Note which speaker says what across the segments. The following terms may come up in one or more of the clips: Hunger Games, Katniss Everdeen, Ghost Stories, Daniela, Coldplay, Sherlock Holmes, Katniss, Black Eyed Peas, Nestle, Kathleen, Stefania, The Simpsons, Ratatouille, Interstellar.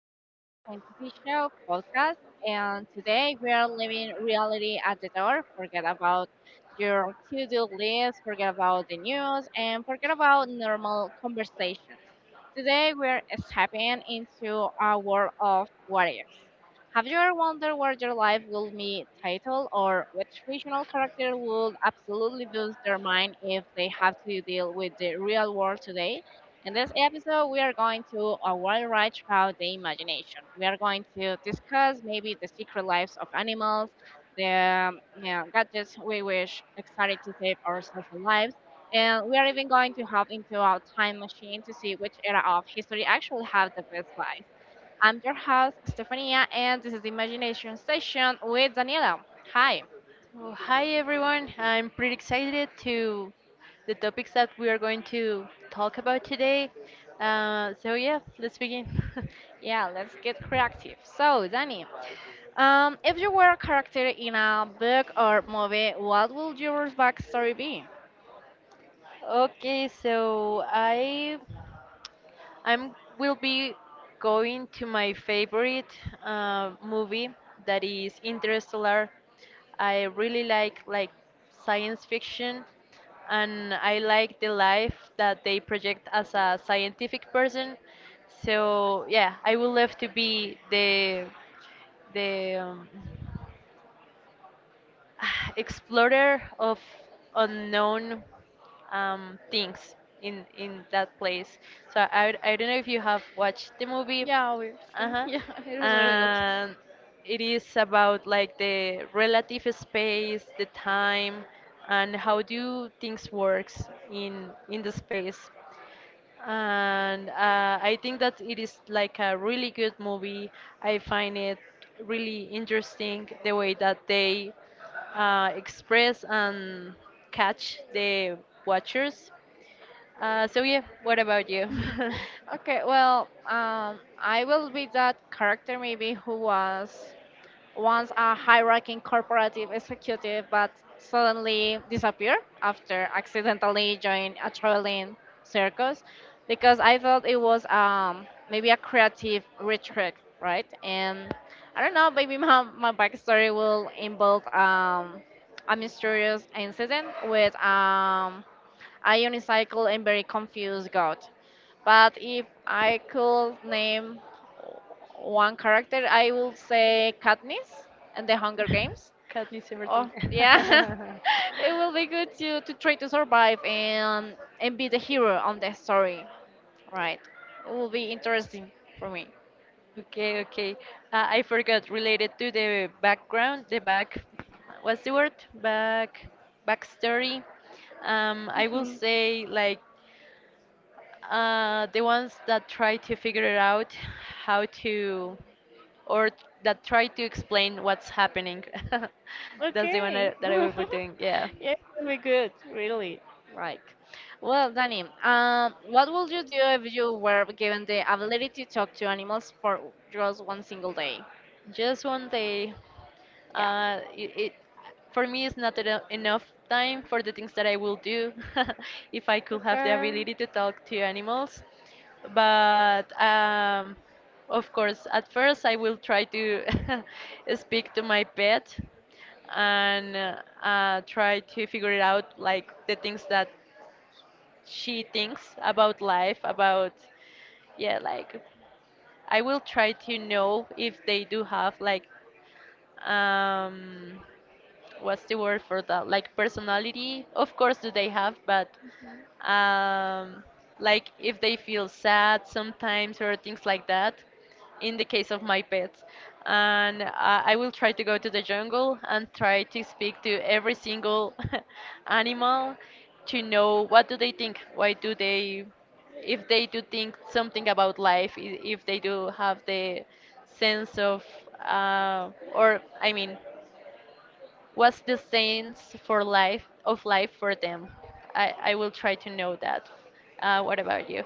Speaker 1: to your fantasy show podcast. And today we are leaving reality at the door. Forget about your to do list, forget about the news, and forget about normal conversations. Today we're stepping into a world of what ifs. Have you ever wondered what your life will be titled or which fictional character would absolutely lose their mind if they have to deal with the real world today? In this episode, we are going to a wild ride throughout the imagination. We are going to discuss maybe the secret lives of animals, the yeah, gadgets we wish excited to save our social lives, and we are even going to hop into our time machine to see which era of history actually have the best vibes. I'm your host, Stefania, and this is the Imagination Session with Daniela. Hi.
Speaker 2: Oh, hi everyone. I'm pretty excited to the topics that we are going to talk about today. So yeah, let's begin.
Speaker 1: Yeah, let's get creative. So, Dani, if you were a character in a book or movie, what would your backstory be?
Speaker 2: Okay, so I I'm will be going to my favorite movie that is Interstellar. I really like science fiction, and I like the life that they project as a scientific person. So yeah, I would love to be the explorer of unknown things in that place. So I don't know if you have watched the movie.
Speaker 1: Yeah, obviously.
Speaker 2: Uh-huh.
Speaker 1: Yeah, it was really good.
Speaker 2: And it is about like the relative space, the time, and how do things works in the space, and I think that it is like a really good movie. I find it really interesting the way that they express and catch the watchers. So yeah, what about you?
Speaker 1: Okay, well, I will be that character maybe who was once a high-ranking corporative executive but suddenly disappeared after accidentally joining a traveling circus because I thought it was maybe a creative retreat, right? And I don't know, maybe my backstory will involve a mysterious incident with a unicycle and very confused god. But if I could name one character, I would say Katniss and the Hunger Games.
Speaker 2: Katniss Everdeen.
Speaker 1: Oh, yeah. It will be good to try to survive and be the hero on the story, right? It will be interesting for me.
Speaker 2: Okay, okay. I forgot. Related to the background, the back, what's the word? Back, backstory. I will
Speaker 1: Mhm.
Speaker 2: say like the ones that try to figure it out how to, or that try to explain what's happening. That's the one
Speaker 1: Okay.
Speaker 2: I, that I will be doing. Yeah.
Speaker 1: Yeah, it will be good, really. Like, well, Danny, what would you do if you were given the ability to talk to animals for just one single day?
Speaker 2: Just 1 day.
Speaker 1: Yeah.
Speaker 2: It for me it's not enough time for the things that I will do if I could have the
Speaker 1: Okay.
Speaker 2: ability to talk to animals. But of course, at first I will try to speak to my pet and try to figure it out like the things that she thinks about life, about yeah, like I will try to know if they do have like um what's the word for that like personality of course do they have, but um like if they feel sad sometimes or things like that in the case of my pets. And I will try to go to the jungle and try to speak to every single animal to know what do they think, why do they, if they do think something about life, if they do have the sense of or I mean, what's the sense for life of life for them? I will try to know that. What about you?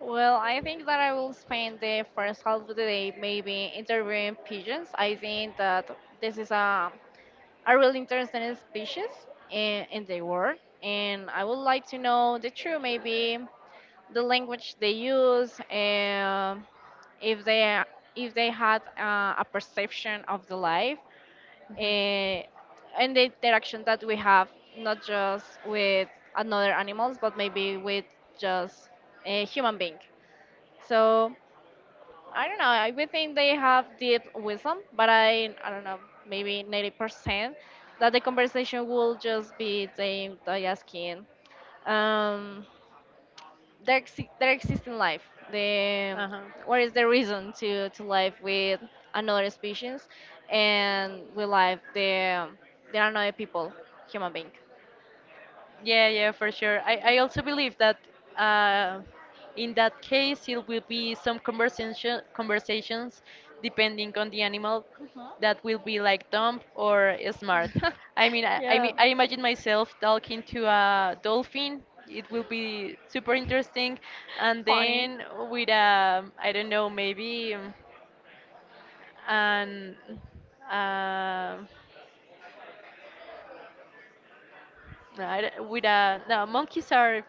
Speaker 1: Well, I think that I will spend the first half of the day maybe interviewing pigeons. I think that this is a really interesting species in the world, and I would like to know the true maybe the language they use, and if they if they had a perception of the life, eh, and the interaction that we have not just with another animals, but maybe with just a human being. So I don't know. I would think they have deep wisdom, but I don't know. Maybe 90% that the conversation will just be them they asking um their existing life. The
Speaker 2: Uh-huh.
Speaker 1: what is the reason to live with another species and we live the another people human being.
Speaker 2: Yeah, yeah, for sure. I also believe that uh, in that case it will be some conversations depending on the animal, that will be like dumb or smart. I mean, I, I mean,
Speaker 1: Yeah,
Speaker 2: I imagine myself talking to a dolphin. It will be super interesting, and
Speaker 1: funny.
Speaker 2: then with a, I don't know, maybe. And uh, with a no, monkeys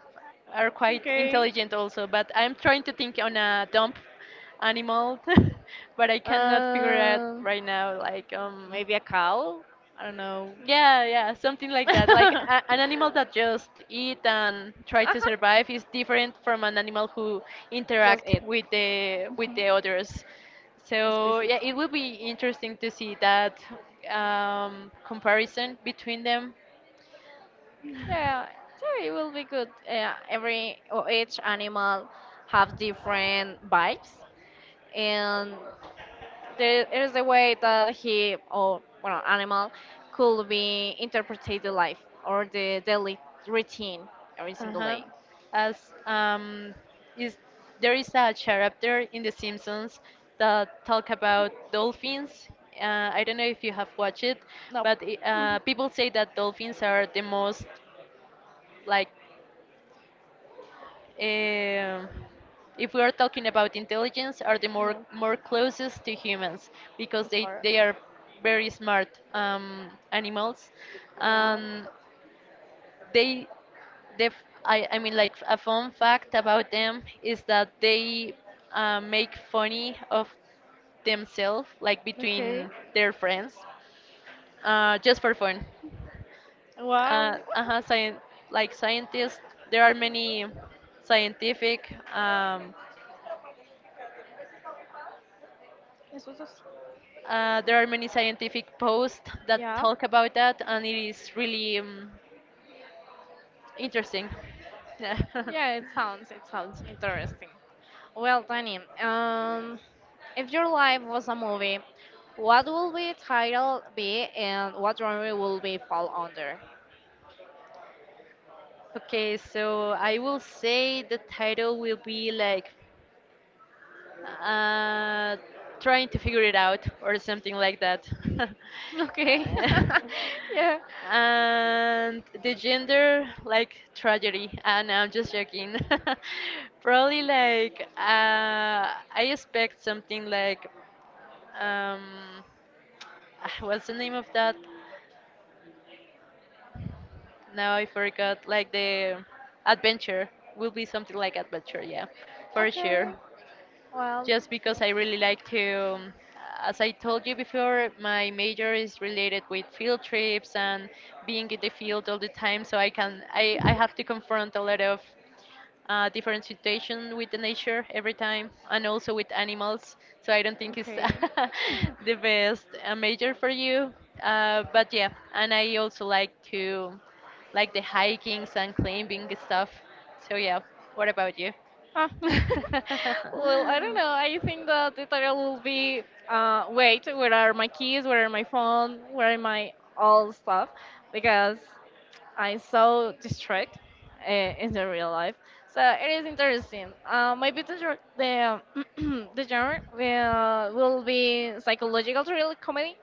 Speaker 2: are quite
Speaker 1: Okay.
Speaker 2: intelligent also, but I'm trying to think on a dumb animal, but I cannot figure out
Speaker 1: Um,
Speaker 2: right now like
Speaker 1: maybe a cow. I don't know.
Speaker 2: yeah, yeah, something like that. Like
Speaker 1: uh
Speaker 2: a, an animal that just eat and try to
Speaker 1: huh.
Speaker 2: survive is different from an animal who
Speaker 1: Just
Speaker 2: interact
Speaker 1: eat
Speaker 2: with the others. So
Speaker 1: species.
Speaker 2: yeah, it will be interesting to see that comparison between them.
Speaker 1: Yeah, yeah, it will be good. Every or each animal have different vibes, and there is a way that he or well animal could be interpreted the life or the daily routine every single
Speaker 2: Uh-huh.
Speaker 1: day.
Speaker 2: As is There is a chapter in The Simpsons that talk about dolphins. I don't know if you have watched it,
Speaker 1: No,
Speaker 2: but people say that dolphins are the most like, um if we are talking about intelligence, are the more
Speaker 1: no,
Speaker 2: more closest to humans because
Speaker 1: it's
Speaker 2: they
Speaker 1: more.
Speaker 2: they are very smart animals.
Speaker 1: Yeah.
Speaker 2: Um, they the f- I mean like a fun fact about them is that they make funny of themselves like
Speaker 1: Okay.
Speaker 2: between their friends just for fun.
Speaker 1: Wow.
Speaker 2: uh, uh scien- like scientists, there are many scientific
Speaker 1: This was.
Speaker 2: posts that
Speaker 1: Yeah.
Speaker 2: talk about that, and it is really interesting. Yeah.
Speaker 1: Yeah. It sounds. Interesting. Well, Danny, if your life was a movie, what will the title be and what genre will we fall under?
Speaker 2: Okay, so I will say the title will be like uh, trying to figure it out or something like that.
Speaker 1: Okay.
Speaker 2: Uh,
Speaker 1: Yeah.
Speaker 2: and the gender like tragedy. And I'm just joking. Probably like I expect something like um, ah, what's the name of that? Now I forgot. Like the adventure, will be something like adventure, yeah, for
Speaker 1: Okay.
Speaker 2: sure.
Speaker 1: Well,
Speaker 2: Just
Speaker 1: yeah.
Speaker 2: because I really like to, as I told you before, my major is related with field trips and being in the field all the time. So I can, I have to confront a lot of different situations with the nature every time, and also with animals. So I don't think it's
Speaker 1: Okay.
Speaker 2: the best major for you. But yeah, and I also like to like the hikings and climbing stuff. So yeah, what about you?
Speaker 1: Ah. Well, I don't know. I think that the title will be wait, where are my keys? Where are my phone? Where are my all stuff? Because I'm so distracted uh, in the real life. So it is interesting. Maybe the gen- the the genre will be psychological thriller comedy.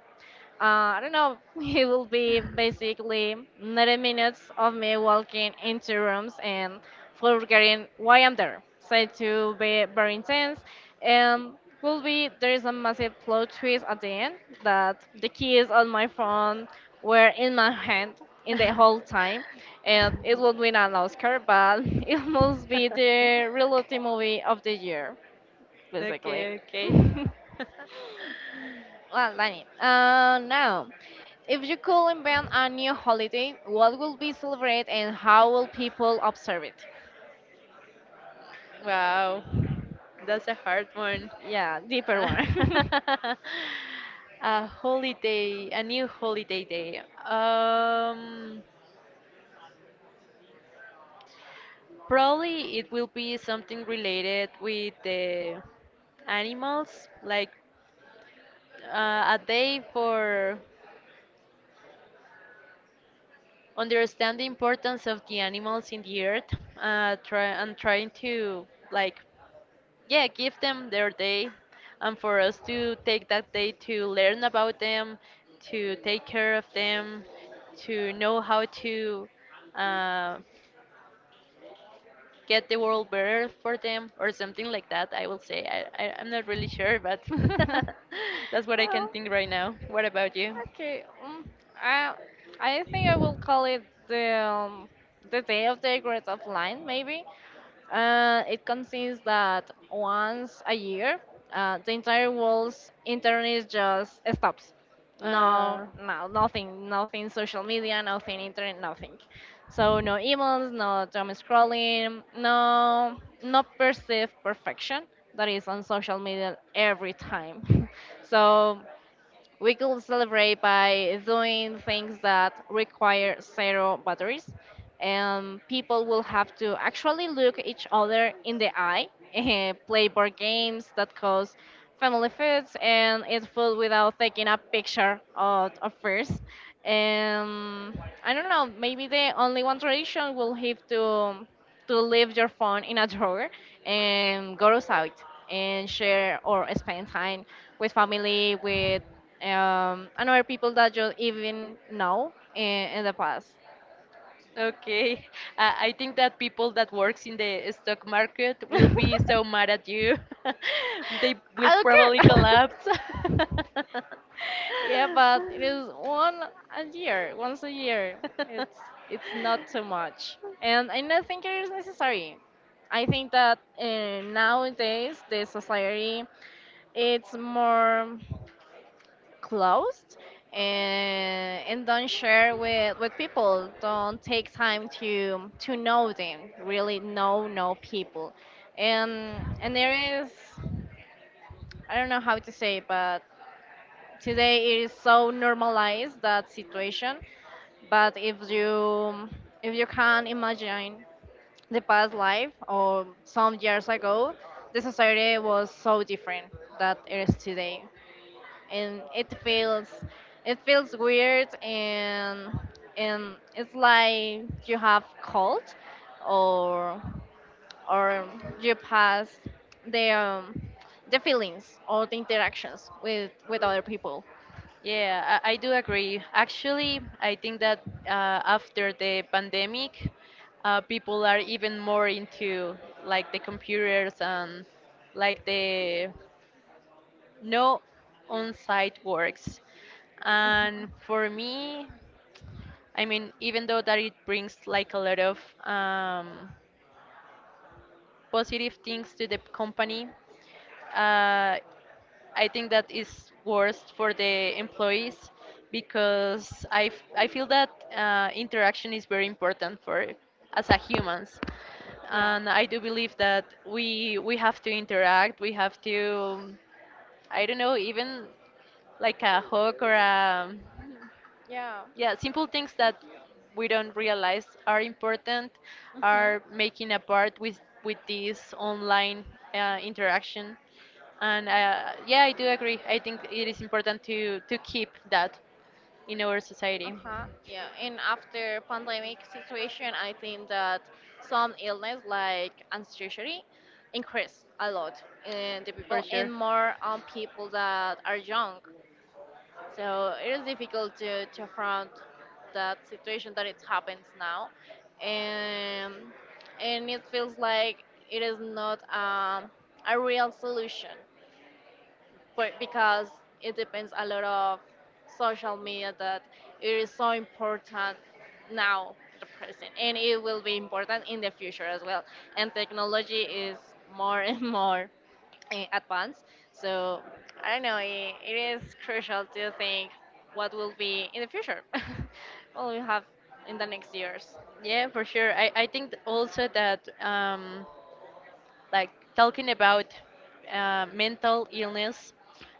Speaker 1: I don't know, it will be basically 90 minutes of me walking into rooms and forgetting why I'm there. So it will be very intense. And will be there is a massive plot twist at the end that the keys on my phone were in my hand in the whole time, and it will win an Oscar, but it must be the reality movie of the year basically.
Speaker 2: Okay, okay.
Speaker 1: Well, Danny. Now, if you could invent a new holiday, what will be celebrated and how will people observe it?
Speaker 2: Wow, that's a hard one.
Speaker 1: Yeah, deeper one.
Speaker 2: A holiday, a new holiday day. Um, probably it will be something related with the animals, like a day for understand the importance of the animals in the earth, trying to like yeah, give them their day, and for us to take that day to learn about them, to take care of them, to know how to uh, get the world better for them or something like that, I will say. I'm not really sure, but that's what I can
Speaker 1: Well,
Speaker 2: think right now. What about you?
Speaker 1: okay. I I think I will call it the um, the day of the great offline maybe. It consists that once a year, the entire world's internet just stops. No,
Speaker 2: Uh,
Speaker 1: no, nothing, nothing social media, nothing internet, nothing. So no emails, no doom scrolling, no perceived perfection that is on social media every time. So we could celebrate by doing things that require zero batteries, and people will have to actually look each other in the eye, play board games that cause family foods, and eat food without taking a picture of first. Um, I don't know. Maybe the only one tradition will have to leave your phone in a drawer and go outside and share or spend time with family, with and other people that you even know in the past.
Speaker 2: Okay. I think that people that works in the stock market
Speaker 1: I
Speaker 2: will be so mad at you. They will
Speaker 1: don't
Speaker 2: probably
Speaker 1: care.
Speaker 2: collapse.
Speaker 1: Yeah, but it is once a year. It's it's not too much, and I don't think it is necessary. I think that nowadays the society it's more closed, and don't share with people, don't take time to know them, really know people. And there is, I don't know how to say, but today it is so normalized, that situation. But if you can imagine the past life or some years ago, the society was so different that it is today, and it feels weird, and it's like you have cold or or you pass the um, the feelings or the interactions with other people.
Speaker 2: Yeah, I do agree. Actually, I think that after the pandemic, people are even more into like the computers and like the no on site works.
Speaker 1: Mhm.
Speaker 2: And for me, I mean, even though that it brings like a lot of um, positive things to the company, uh, I think that is worst for the employees, because I feel that interaction is very important for us as a humans,
Speaker 1: Yeah,
Speaker 2: and I do believe that we have to interact. We have to, I don't know, even like a hook or a
Speaker 1: yeah.
Speaker 2: yeah, simple things that we don't realize are important
Speaker 1: Mm-hmm.
Speaker 2: are making a part with this online interaction. And yeah, I do agree, I think it is important to keep that in our society,
Speaker 1: Uh-huh. Yeah. And after pandemic situation, I think that some illness like anxiety increase a lot in the
Speaker 2: for
Speaker 1: people
Speaker 2: sure.
Speaker 1: and more on people that are young. So it is difficult to front that situation that it happens now. And and it feels like it is not a real solution, but because it depends a lot of social media that it is so important now the present, and it will be important in the future as well, and technology is more and more advanced. So I don't know, it is crucial to think what will be in the future. What we have in the next years.
Speaker 2: Yeah, for sure, I think also that like talking about mental illness,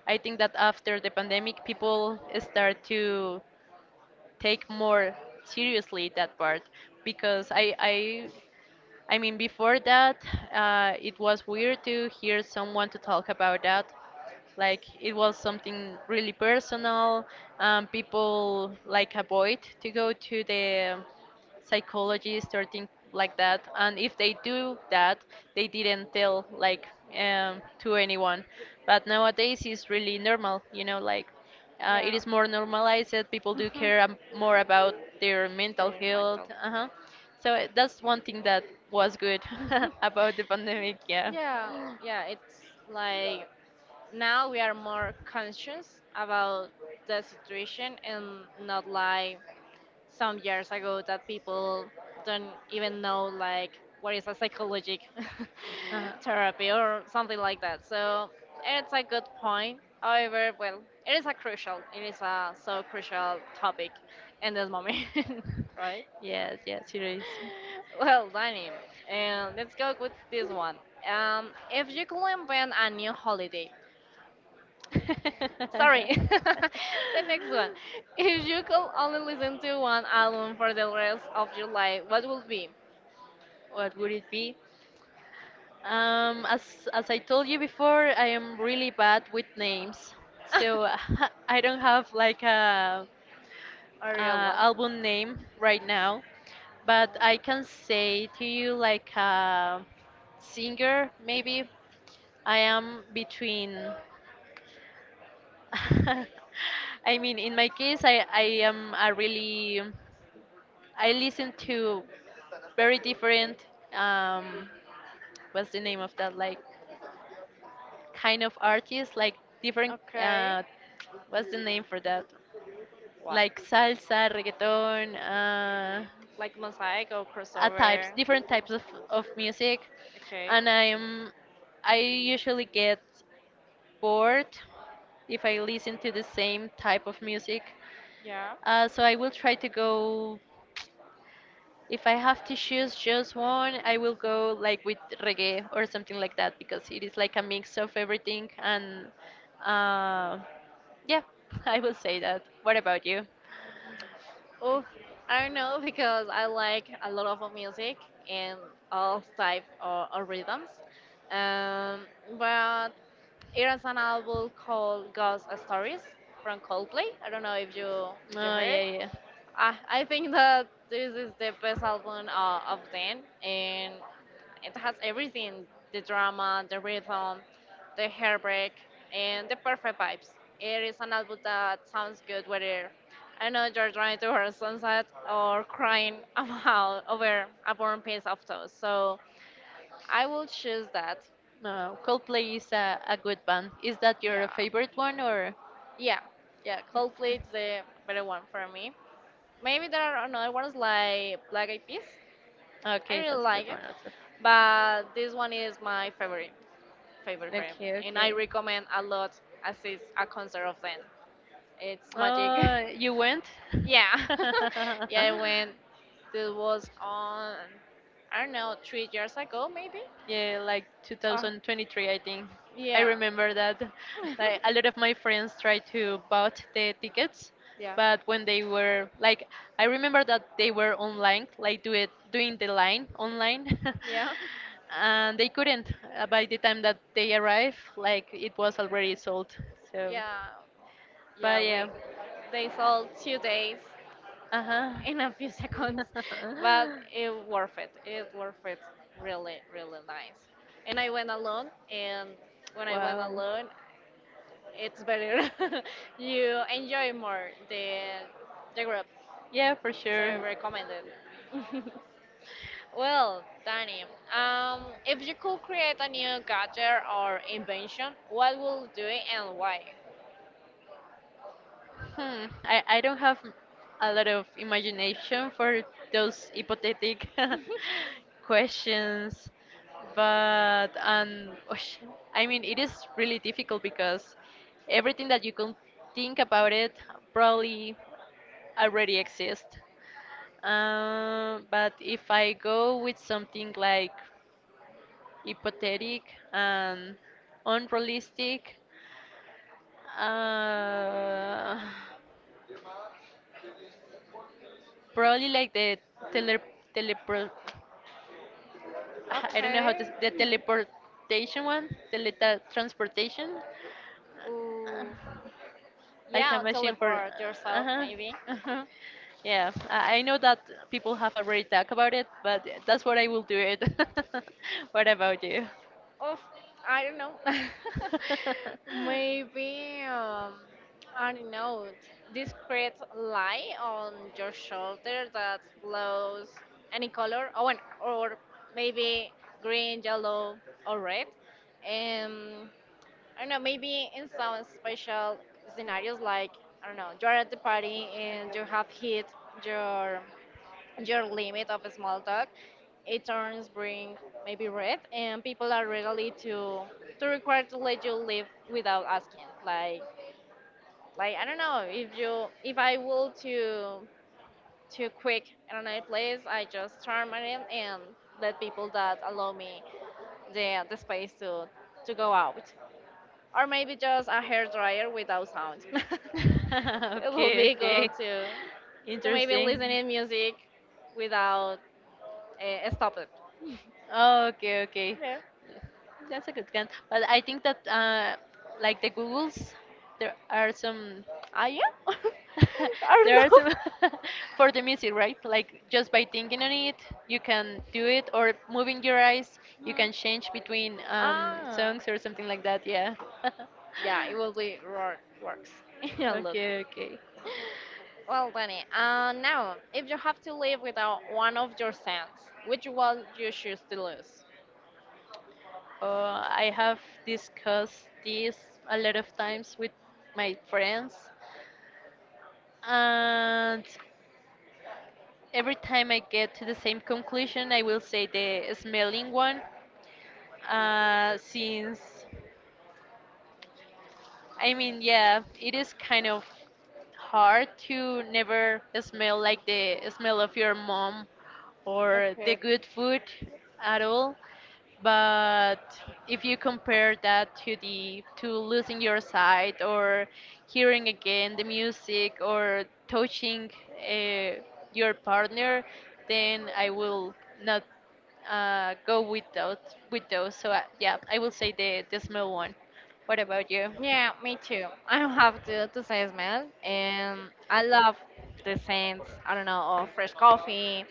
Speaker 2: I think that after the pandemic people start to take more seriously that part, because I mean before that it was weird to hear someone to talk about that, like it was something really personal. People like avoid to go to the psychologist or things like that. And if they do that, they didn't tell like to anyone. But nowadays it's really normal, you know, like it
Speaker 1: Yeah.
Speaker 2: is more normalized. That people do
Speaker 1: Mhm.
Speaker 2: care more about their mental
Speaker 1: Their
Speaker 2: health.
Speaker 1: mental
Speaker 2: Uh-huh. So that's one thing that was good about the pandemic. Yeah.
Speaker 1: Yeah, yeah, it's like now we are more conscious about the situation and not like some years ago that people don't even know like what is a psychologic
Speaker 2: Uh-huh.
Speaker 1: therapy or something like that. So it's a good point. However, well, it is a so crucial topic in this moment, right?
Speaker 2: Yes, yes, it is.
Speaker 1: Well, Danny, and let's go with this one. If you could invent a new holiday, sorry. The next one. If you could only listen to one album for the rest of your life, what would be?
Speaker 2: What would it be? As I told you before, I am really bad with names, so I don't have like
Speaker 1: A real
Speaker 2: a
Speaker 1: one.
Speaker 2: album name right now. But I can say to you like a singer, maybe. I am between. I mean, in my case, I am a really. I listen to very different um what's the name of that like kind of artists like different
Speaker 1: Okay.
Speaker 2: what's the name for that
Speaker 1: What?
Speaker 2: like salsa, reggaeton,
Speaker 1: Like Mosaic or
Speaker 2: uh,
Speaker 1: crossover?
Speaker 2: types, different types of music,
Speaker 1: Okay.
Speaker 2: and I usually get bored if I listen to the same type of music,
Speaker 1: Yeah.
Speaker 2: so I will try to go if I have to choose just one, I will go like with reggae or something like that because it is like a mix of everything, and uh, yeah, I will say that. What about you?
Speaker 1: Oof. I don't know because I like a lot of music and all type of rhythms. Um, but there is an album called Ghost Stories from Coldplay. I don't know if you
Speaker 2: Oh
Speaker 1: heard.
Speaker 2: yeah, yeah.
Speaker 1: I think that this is the best album of them, and it has everything: the drama, the rhythm, the heartbreak, and the perfect vibes. It is an album that sounds good whether I know you're trying to hear sunset or crying about over a burnt piece of toast. So I will choose that.
Speaker 2: No, Coldplay is a good band. Is that
Speaker 1: Yeah,
Speaker 2: your favorite one or?
Speaker 1: yeah, yeah. Coldplay is the better one for me. Maybe there are another ones like Black Eyed Peas. I
Speaker 2: Okay,
Speaker 1: really
Speaker 2: that's a
Speaker 1: like
Speaker 2: good
Speaker 1: it.
Speaker 2: one also.
Speaker 1: But this one is my favorite frame,
Speaker 2: Okay,
Speaker 1: and I
Speaker 2: okay.
Speaker 1: recommend a lot. Assist a concert of them, it's magic.
Speaker 2: Oh, you went?
Speaker 1: Yeah.
Speaker 2: Yeah.
Speaker 1: Yeah. When this was on, I don't know, 3 years ago maybe.
Speaker 2: Yeah, like
Speaker 1: Oh,
Speaker 2: 2023, I think. I
Speaker 1: yeah.
Speaker 2: remember that. Like a lot of my friends tried to bought the tickets,
Speaker 1: Yeah,
Speaker 2: but when they were like, I remember that they were online, like do it doing the line online,
Speaker 1: yeah,
Speaker 2: and they couldn't. By the time that they arrived, like it was already sold. So,
Speaker 1: yeah, yeah.
Speaker 2: but
Speaker 1: we
Speaker 2: yeah,
Speaker 1: they sold 2 days
Speaker 2: uh huh.
Speaker 1: in a few seconds, but it worth it. It worth it. Really, really nice. And I went alone, and when I went
Speaker 2: Wow.
Speaker 1: alone, it's better. You enjoy more the group,
Speaker 2: Yeah, for
Speaker 1: so I
Speaker 2: sure.
Speaker 1: recommend it. Well, Danny, if you could create a new gadget or invention, what will you do it and why?
Speaker 2: Hmm. I don't have a lot of imagination for those hypothetic questions, but osh, I mean, it is really difficult because everything that you can think about it probably already exists. But if I go with something like hypothetic and unrealistic, uh, probably like the tele telepro I don't know how to s
Speaker 1: Okay.
Speaker 2: the teleportation one, teletransportation,
Speaker 1: Ooh.
Speaker 2: like a
Speaker 1: Yeah,
Speaker 2: machine for
Speaker 1: teleport yourself
Speaker 2: uh-huh.
Speaker 1: maybe.
Speaker 2: Yeah, I know that people have already talked about it, but that's what I will do it. What about you?
Speaker 1: Of I don't know. Maybe I don't know. Discreet lie on your shoulder that glows any color. Oh, and, or maybe green, yellow, or red. Um, I don't know. Maybe in some special scenarios, like I don't know, you're at the party and you have hit your your limit of small talk, it turns bring maybe red, and people are ready to require to let you live without asking. Like I don't know if you if I will to quick in another place, I just turn my name and let people that allow me the space to go out, or maybe just a hair dryer without sound. It will
Speaker 2: Okay,
Speaker 1: be cool
Speaker 2: okay.
Speaker 1: to maybe
Speaker 2: Interesting.
Speaker 1: listening music without stopping.
Speaker 2: Oh, okay, okay.
Speaker 1: Yeah.
Speaker 2: That's a good one. But I think that like the Googles, there are some.
Speaker 1: I am. I
Speaker 2: There are
Speaker 1: don't know.
Speaker 2: some for the music, right? Like just by thinking on it, you can do it, or moving your eyes, you
Speaker 1: Hmm.
Speaker 2: can change between
Speaker 1: Ah,
Speaker 2: songs or something like that. Yeah.
Speaker 1: yeah, it will be works a lot.
Speaker 2: Okay, okay.
Speaker 1: Well, Danny, now, if you have to live without one of your senses, which one you choose to lose?
Speaker 2: I have discussed this a lot of times with my friends, and every time I get to the same conclusion, I will say the smelling one, since I mean, yeah, it is kind of hard to never smell like the smell of your mom or the
Speaker 1: Okay.
Speaker 2: good food at all. But if you compare that to the to losing your sight or hearing again the music or touching uh, your partner, then I will not go with those with those. So yeah, I will say the smell one. What about you?
Speaker 1: Yeah, me too. I have to say smell, and I love the scents. I don't know of fresh coffee,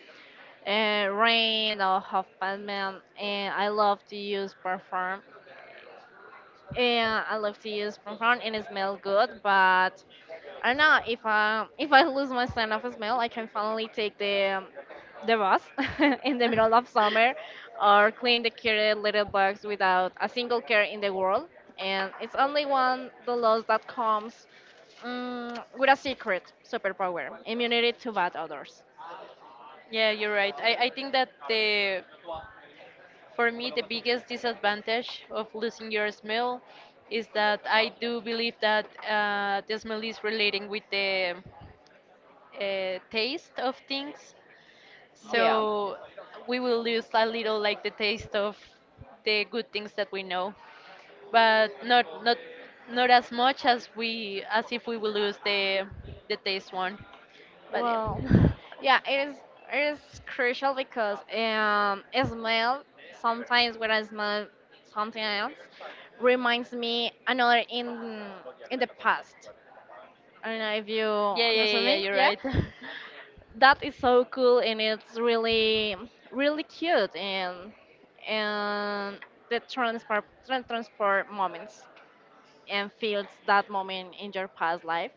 Speaker 1: rain or half batman and I love to use perfume and I love to use perfume and it smells good but I don't know if I lose my sense of smell I can finally take the bus in the middle of summer or clean the cute little bugs without a single care in the world and it's only one the loss that comes with a secret superpower immunity to bad odors.
Speaker 2: Yeah, you're right. I think that the for me the biggest disadvantage of losing your smell is that I do believe that the smell is relating with the taste of things.
Speaker 1: Yeah.
Speaker 2: So we will lose a little like the taste of the good things that we know, but not not as much as we as if we will lose the taste one. But yeah.
Speaker 1: Well, yeah, it is. It is crucial because a smell sometimes when I smell something else reminds me another in the past. I don't know if you
Speaker 2: Yeah, yeah, yeah,
Speaker 1: understand
Speaker 2: yeah,
Speaker 1: me.
Speaker 2: you're
Speaker 1: Yeah,
Speaker 2: right.
Speaker 1: that is so cool and it's really really cute and the transport transport moments and feels that moment in your past life.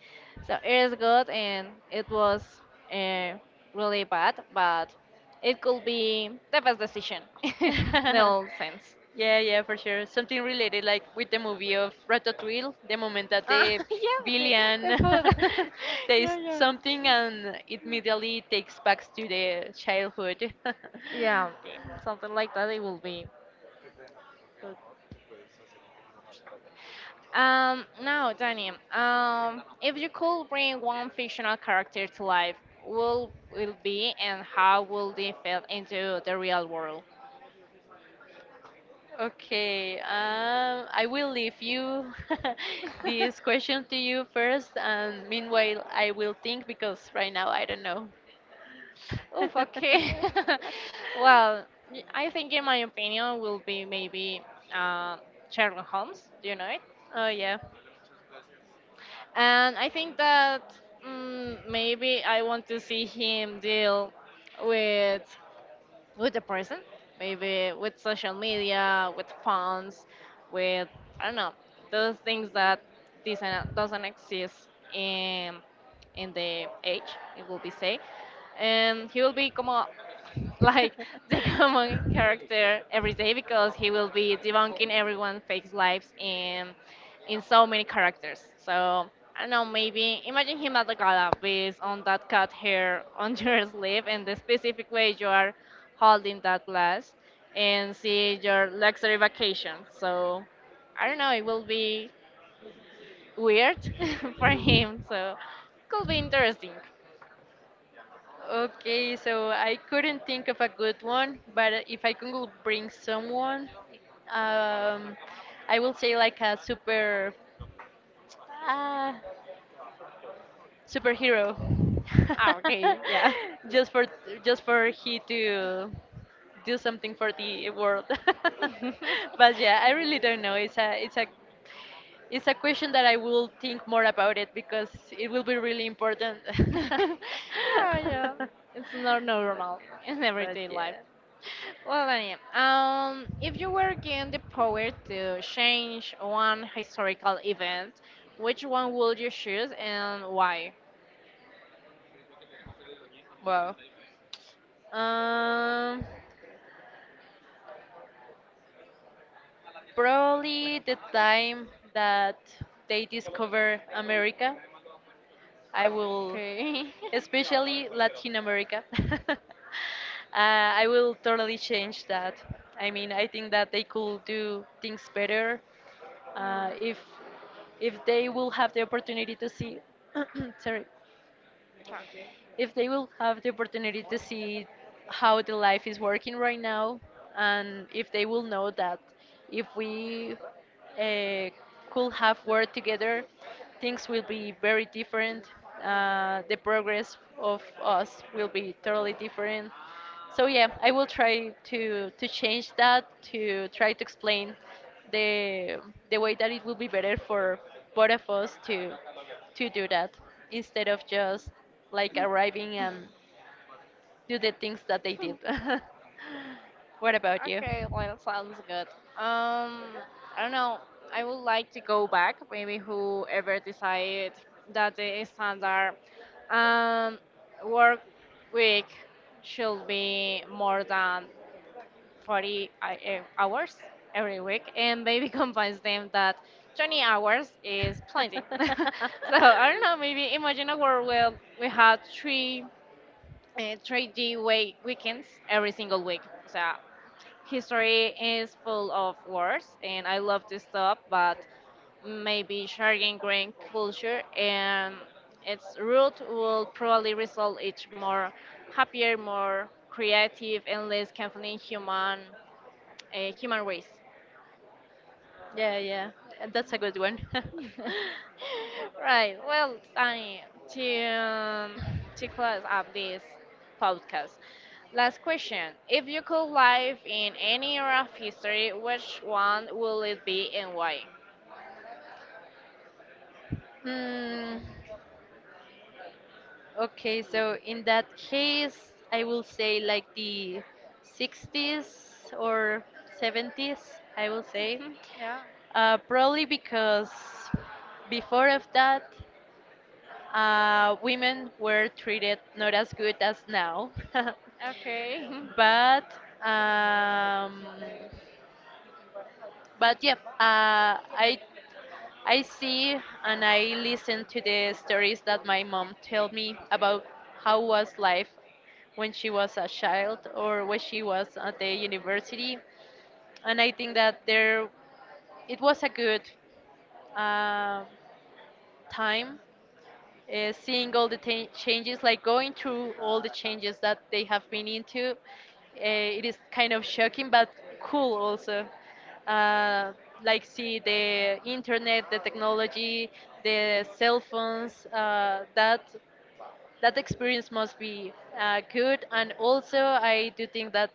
Speaker 1: So it is good and it was uh, really bad, but it could be the best decision in all sense.
Speaker 2: Yeah, yeah, for sure. Something related, like with the movie of Ratatouille, the moment that
Speaker 1: Uh,
Speaker 2: the
Speaker 1: yeah,
Speaker 2: villain
Speaker 1: the food. Yeah,
Speaker 2: tastes
Speaker 1: yeah.
Speaker 2: something and it immediately takes back to the childhood.
Speaker 1: Yeah, okay. Something like that it will be good. Um, now Danny, um, if you could bring one fictional character to life, will be and how will they fit into the real world?
Speaker 2: Okay, I will leave you this question to you first, and meanwhile, I will think because right now I don't know.
Speaker 1: Oof, okay. Well, I think in my opinion will be maybe uh, Sherlock Holmes. Do you know it?
Speaker 2: Oh, yeah.
Speaker 1: And I think that maybe I want to see him deal with with the person, maybe with social media, with phones, with I don't know those things that doesn't exist in in the age. It will be say and he will be como like the common character every day because he will be debunking everyone fake lives in so many characters. So I don't know, maybe imagine him at the gala based on that cut hair on your sleeve and the specific way you are holding that glass and see your luxury vacation. So I don't know, it will be weird for him. So could be interesting.
Speaker 2: Okay, so I couldn't think of a good one, but if I could bring someone, um, I will say like a super, uh, superhero,
Speaker 1: Ah, okay, yeah.
Speaker 2: just for just for he to do something for the world. But yeah, I really don't know. It's a it's a question that I will think more about it because it will be really important.
Speaker 1: Yeah, yeah.
Speaker 2: but,
Speaker 1: It's not normal in
Speaker 2: but
Speaker 1: everyday life.
Speaker 2: yeah,
Speaker 1: Well, anyway, if you were given the power to change one historical event, which one would you choose and why?
Speaker 2: wow. Um, Probably the time that they discover America, I will,
Speaker 1: Okay.
Speaker 2: especially Latin America. uh, I will totally change that. I mean, I think that they could do things better uh,
Speaker 1: Uh,
Speaker 2: if if they will have the opportunity to see sorry
Speaker 1: Chuck.
Speaker 2: if they will have the opportunity to see how the life is working right now and if they will know that if we uh, could have worked together things will be very different, the progress of us will be totally different. So yeah, I will try to change that, to try to explain the way that it will be better for both of us to do that, instead of just like arriving and do the things that they did. What about you?
Speaker 1: Okay, well, sounds good. Um, I don't know. I would like to go back. Maybe whoever decided that the standard um, work week should be more than 40 hours every week, and maybe convince them that 20 hours is plenty. So I don't know. Maybe imagine a world where we have three 3D way weekends every single week. So history is full of wars and I love to stop but maybe sharing green culture and its root will probably result each more happier more creative and less conflicting human human race.
Speaker 2: Yeah, yeah, that's a good one.
Speaker 1: Right, well, Sunny, to um, to close up this podcast last question, if you could live in any era of history, which one will it be and why?
Speaker 2: mm, Okay, so in that case, I will say like the 60s or 70s, I will say.
Speaker 1: Yeah.
Speaker 2: Probably because before of that, women were treated not as good as now.
Speaker 1: Okay.
Speaker 2: But um, but yeah, I see and I listen to the stories that my mom told me about how was life when she was a child or when she was at the university, and I think that there it was a good uh, time, seeing all the ta changes, like going through all the changes that they have been into. It is kind of shocking, but cool also. Uh, like see the internet, the technology, the cell phones. That experience must be good, and also I do think that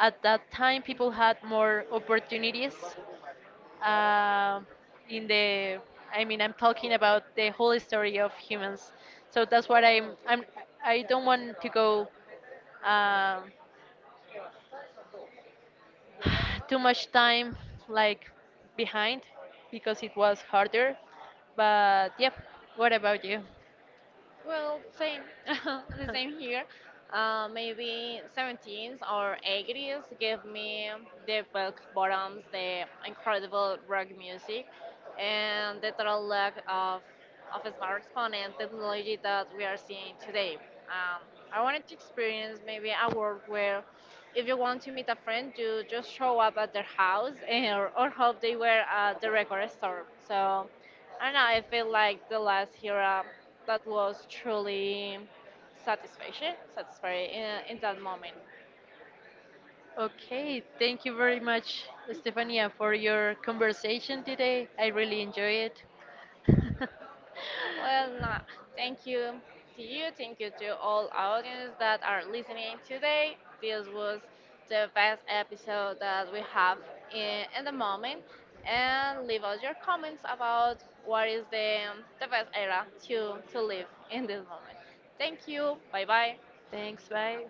Speaker 2: at that time people had more opportunities um, in the I mean, I'm talking about the whole story of humans, so that's what I'm I don't want to go, um, too much time like behind, because it was harder. But yep, what about you?
Speaker 1: Well, same, the same here. Maybe 17s or 80s give me the belt bottoms, the incredible rock music, and the total lack of smartphone and technology that we are seeing today. Um, I wanted to experience maybe a world where if you want to meet a friend, you just show up at their house and, or hope they were at the record store. So I don't know, I feel like the last era that was truly satisfying in that moment.
Speaker 2: Okay, thank you very much, Stefania, for your conversation today. I really enjoy it.
Speaker 1: Well, nah, thank you to you, thank you to all audience that are listening today. This was the best episode that we have in the moment. And leave us your comments about what is the best era to live in this moment. Thank you. Bye bye.
Speaker 2: Thanks, bye.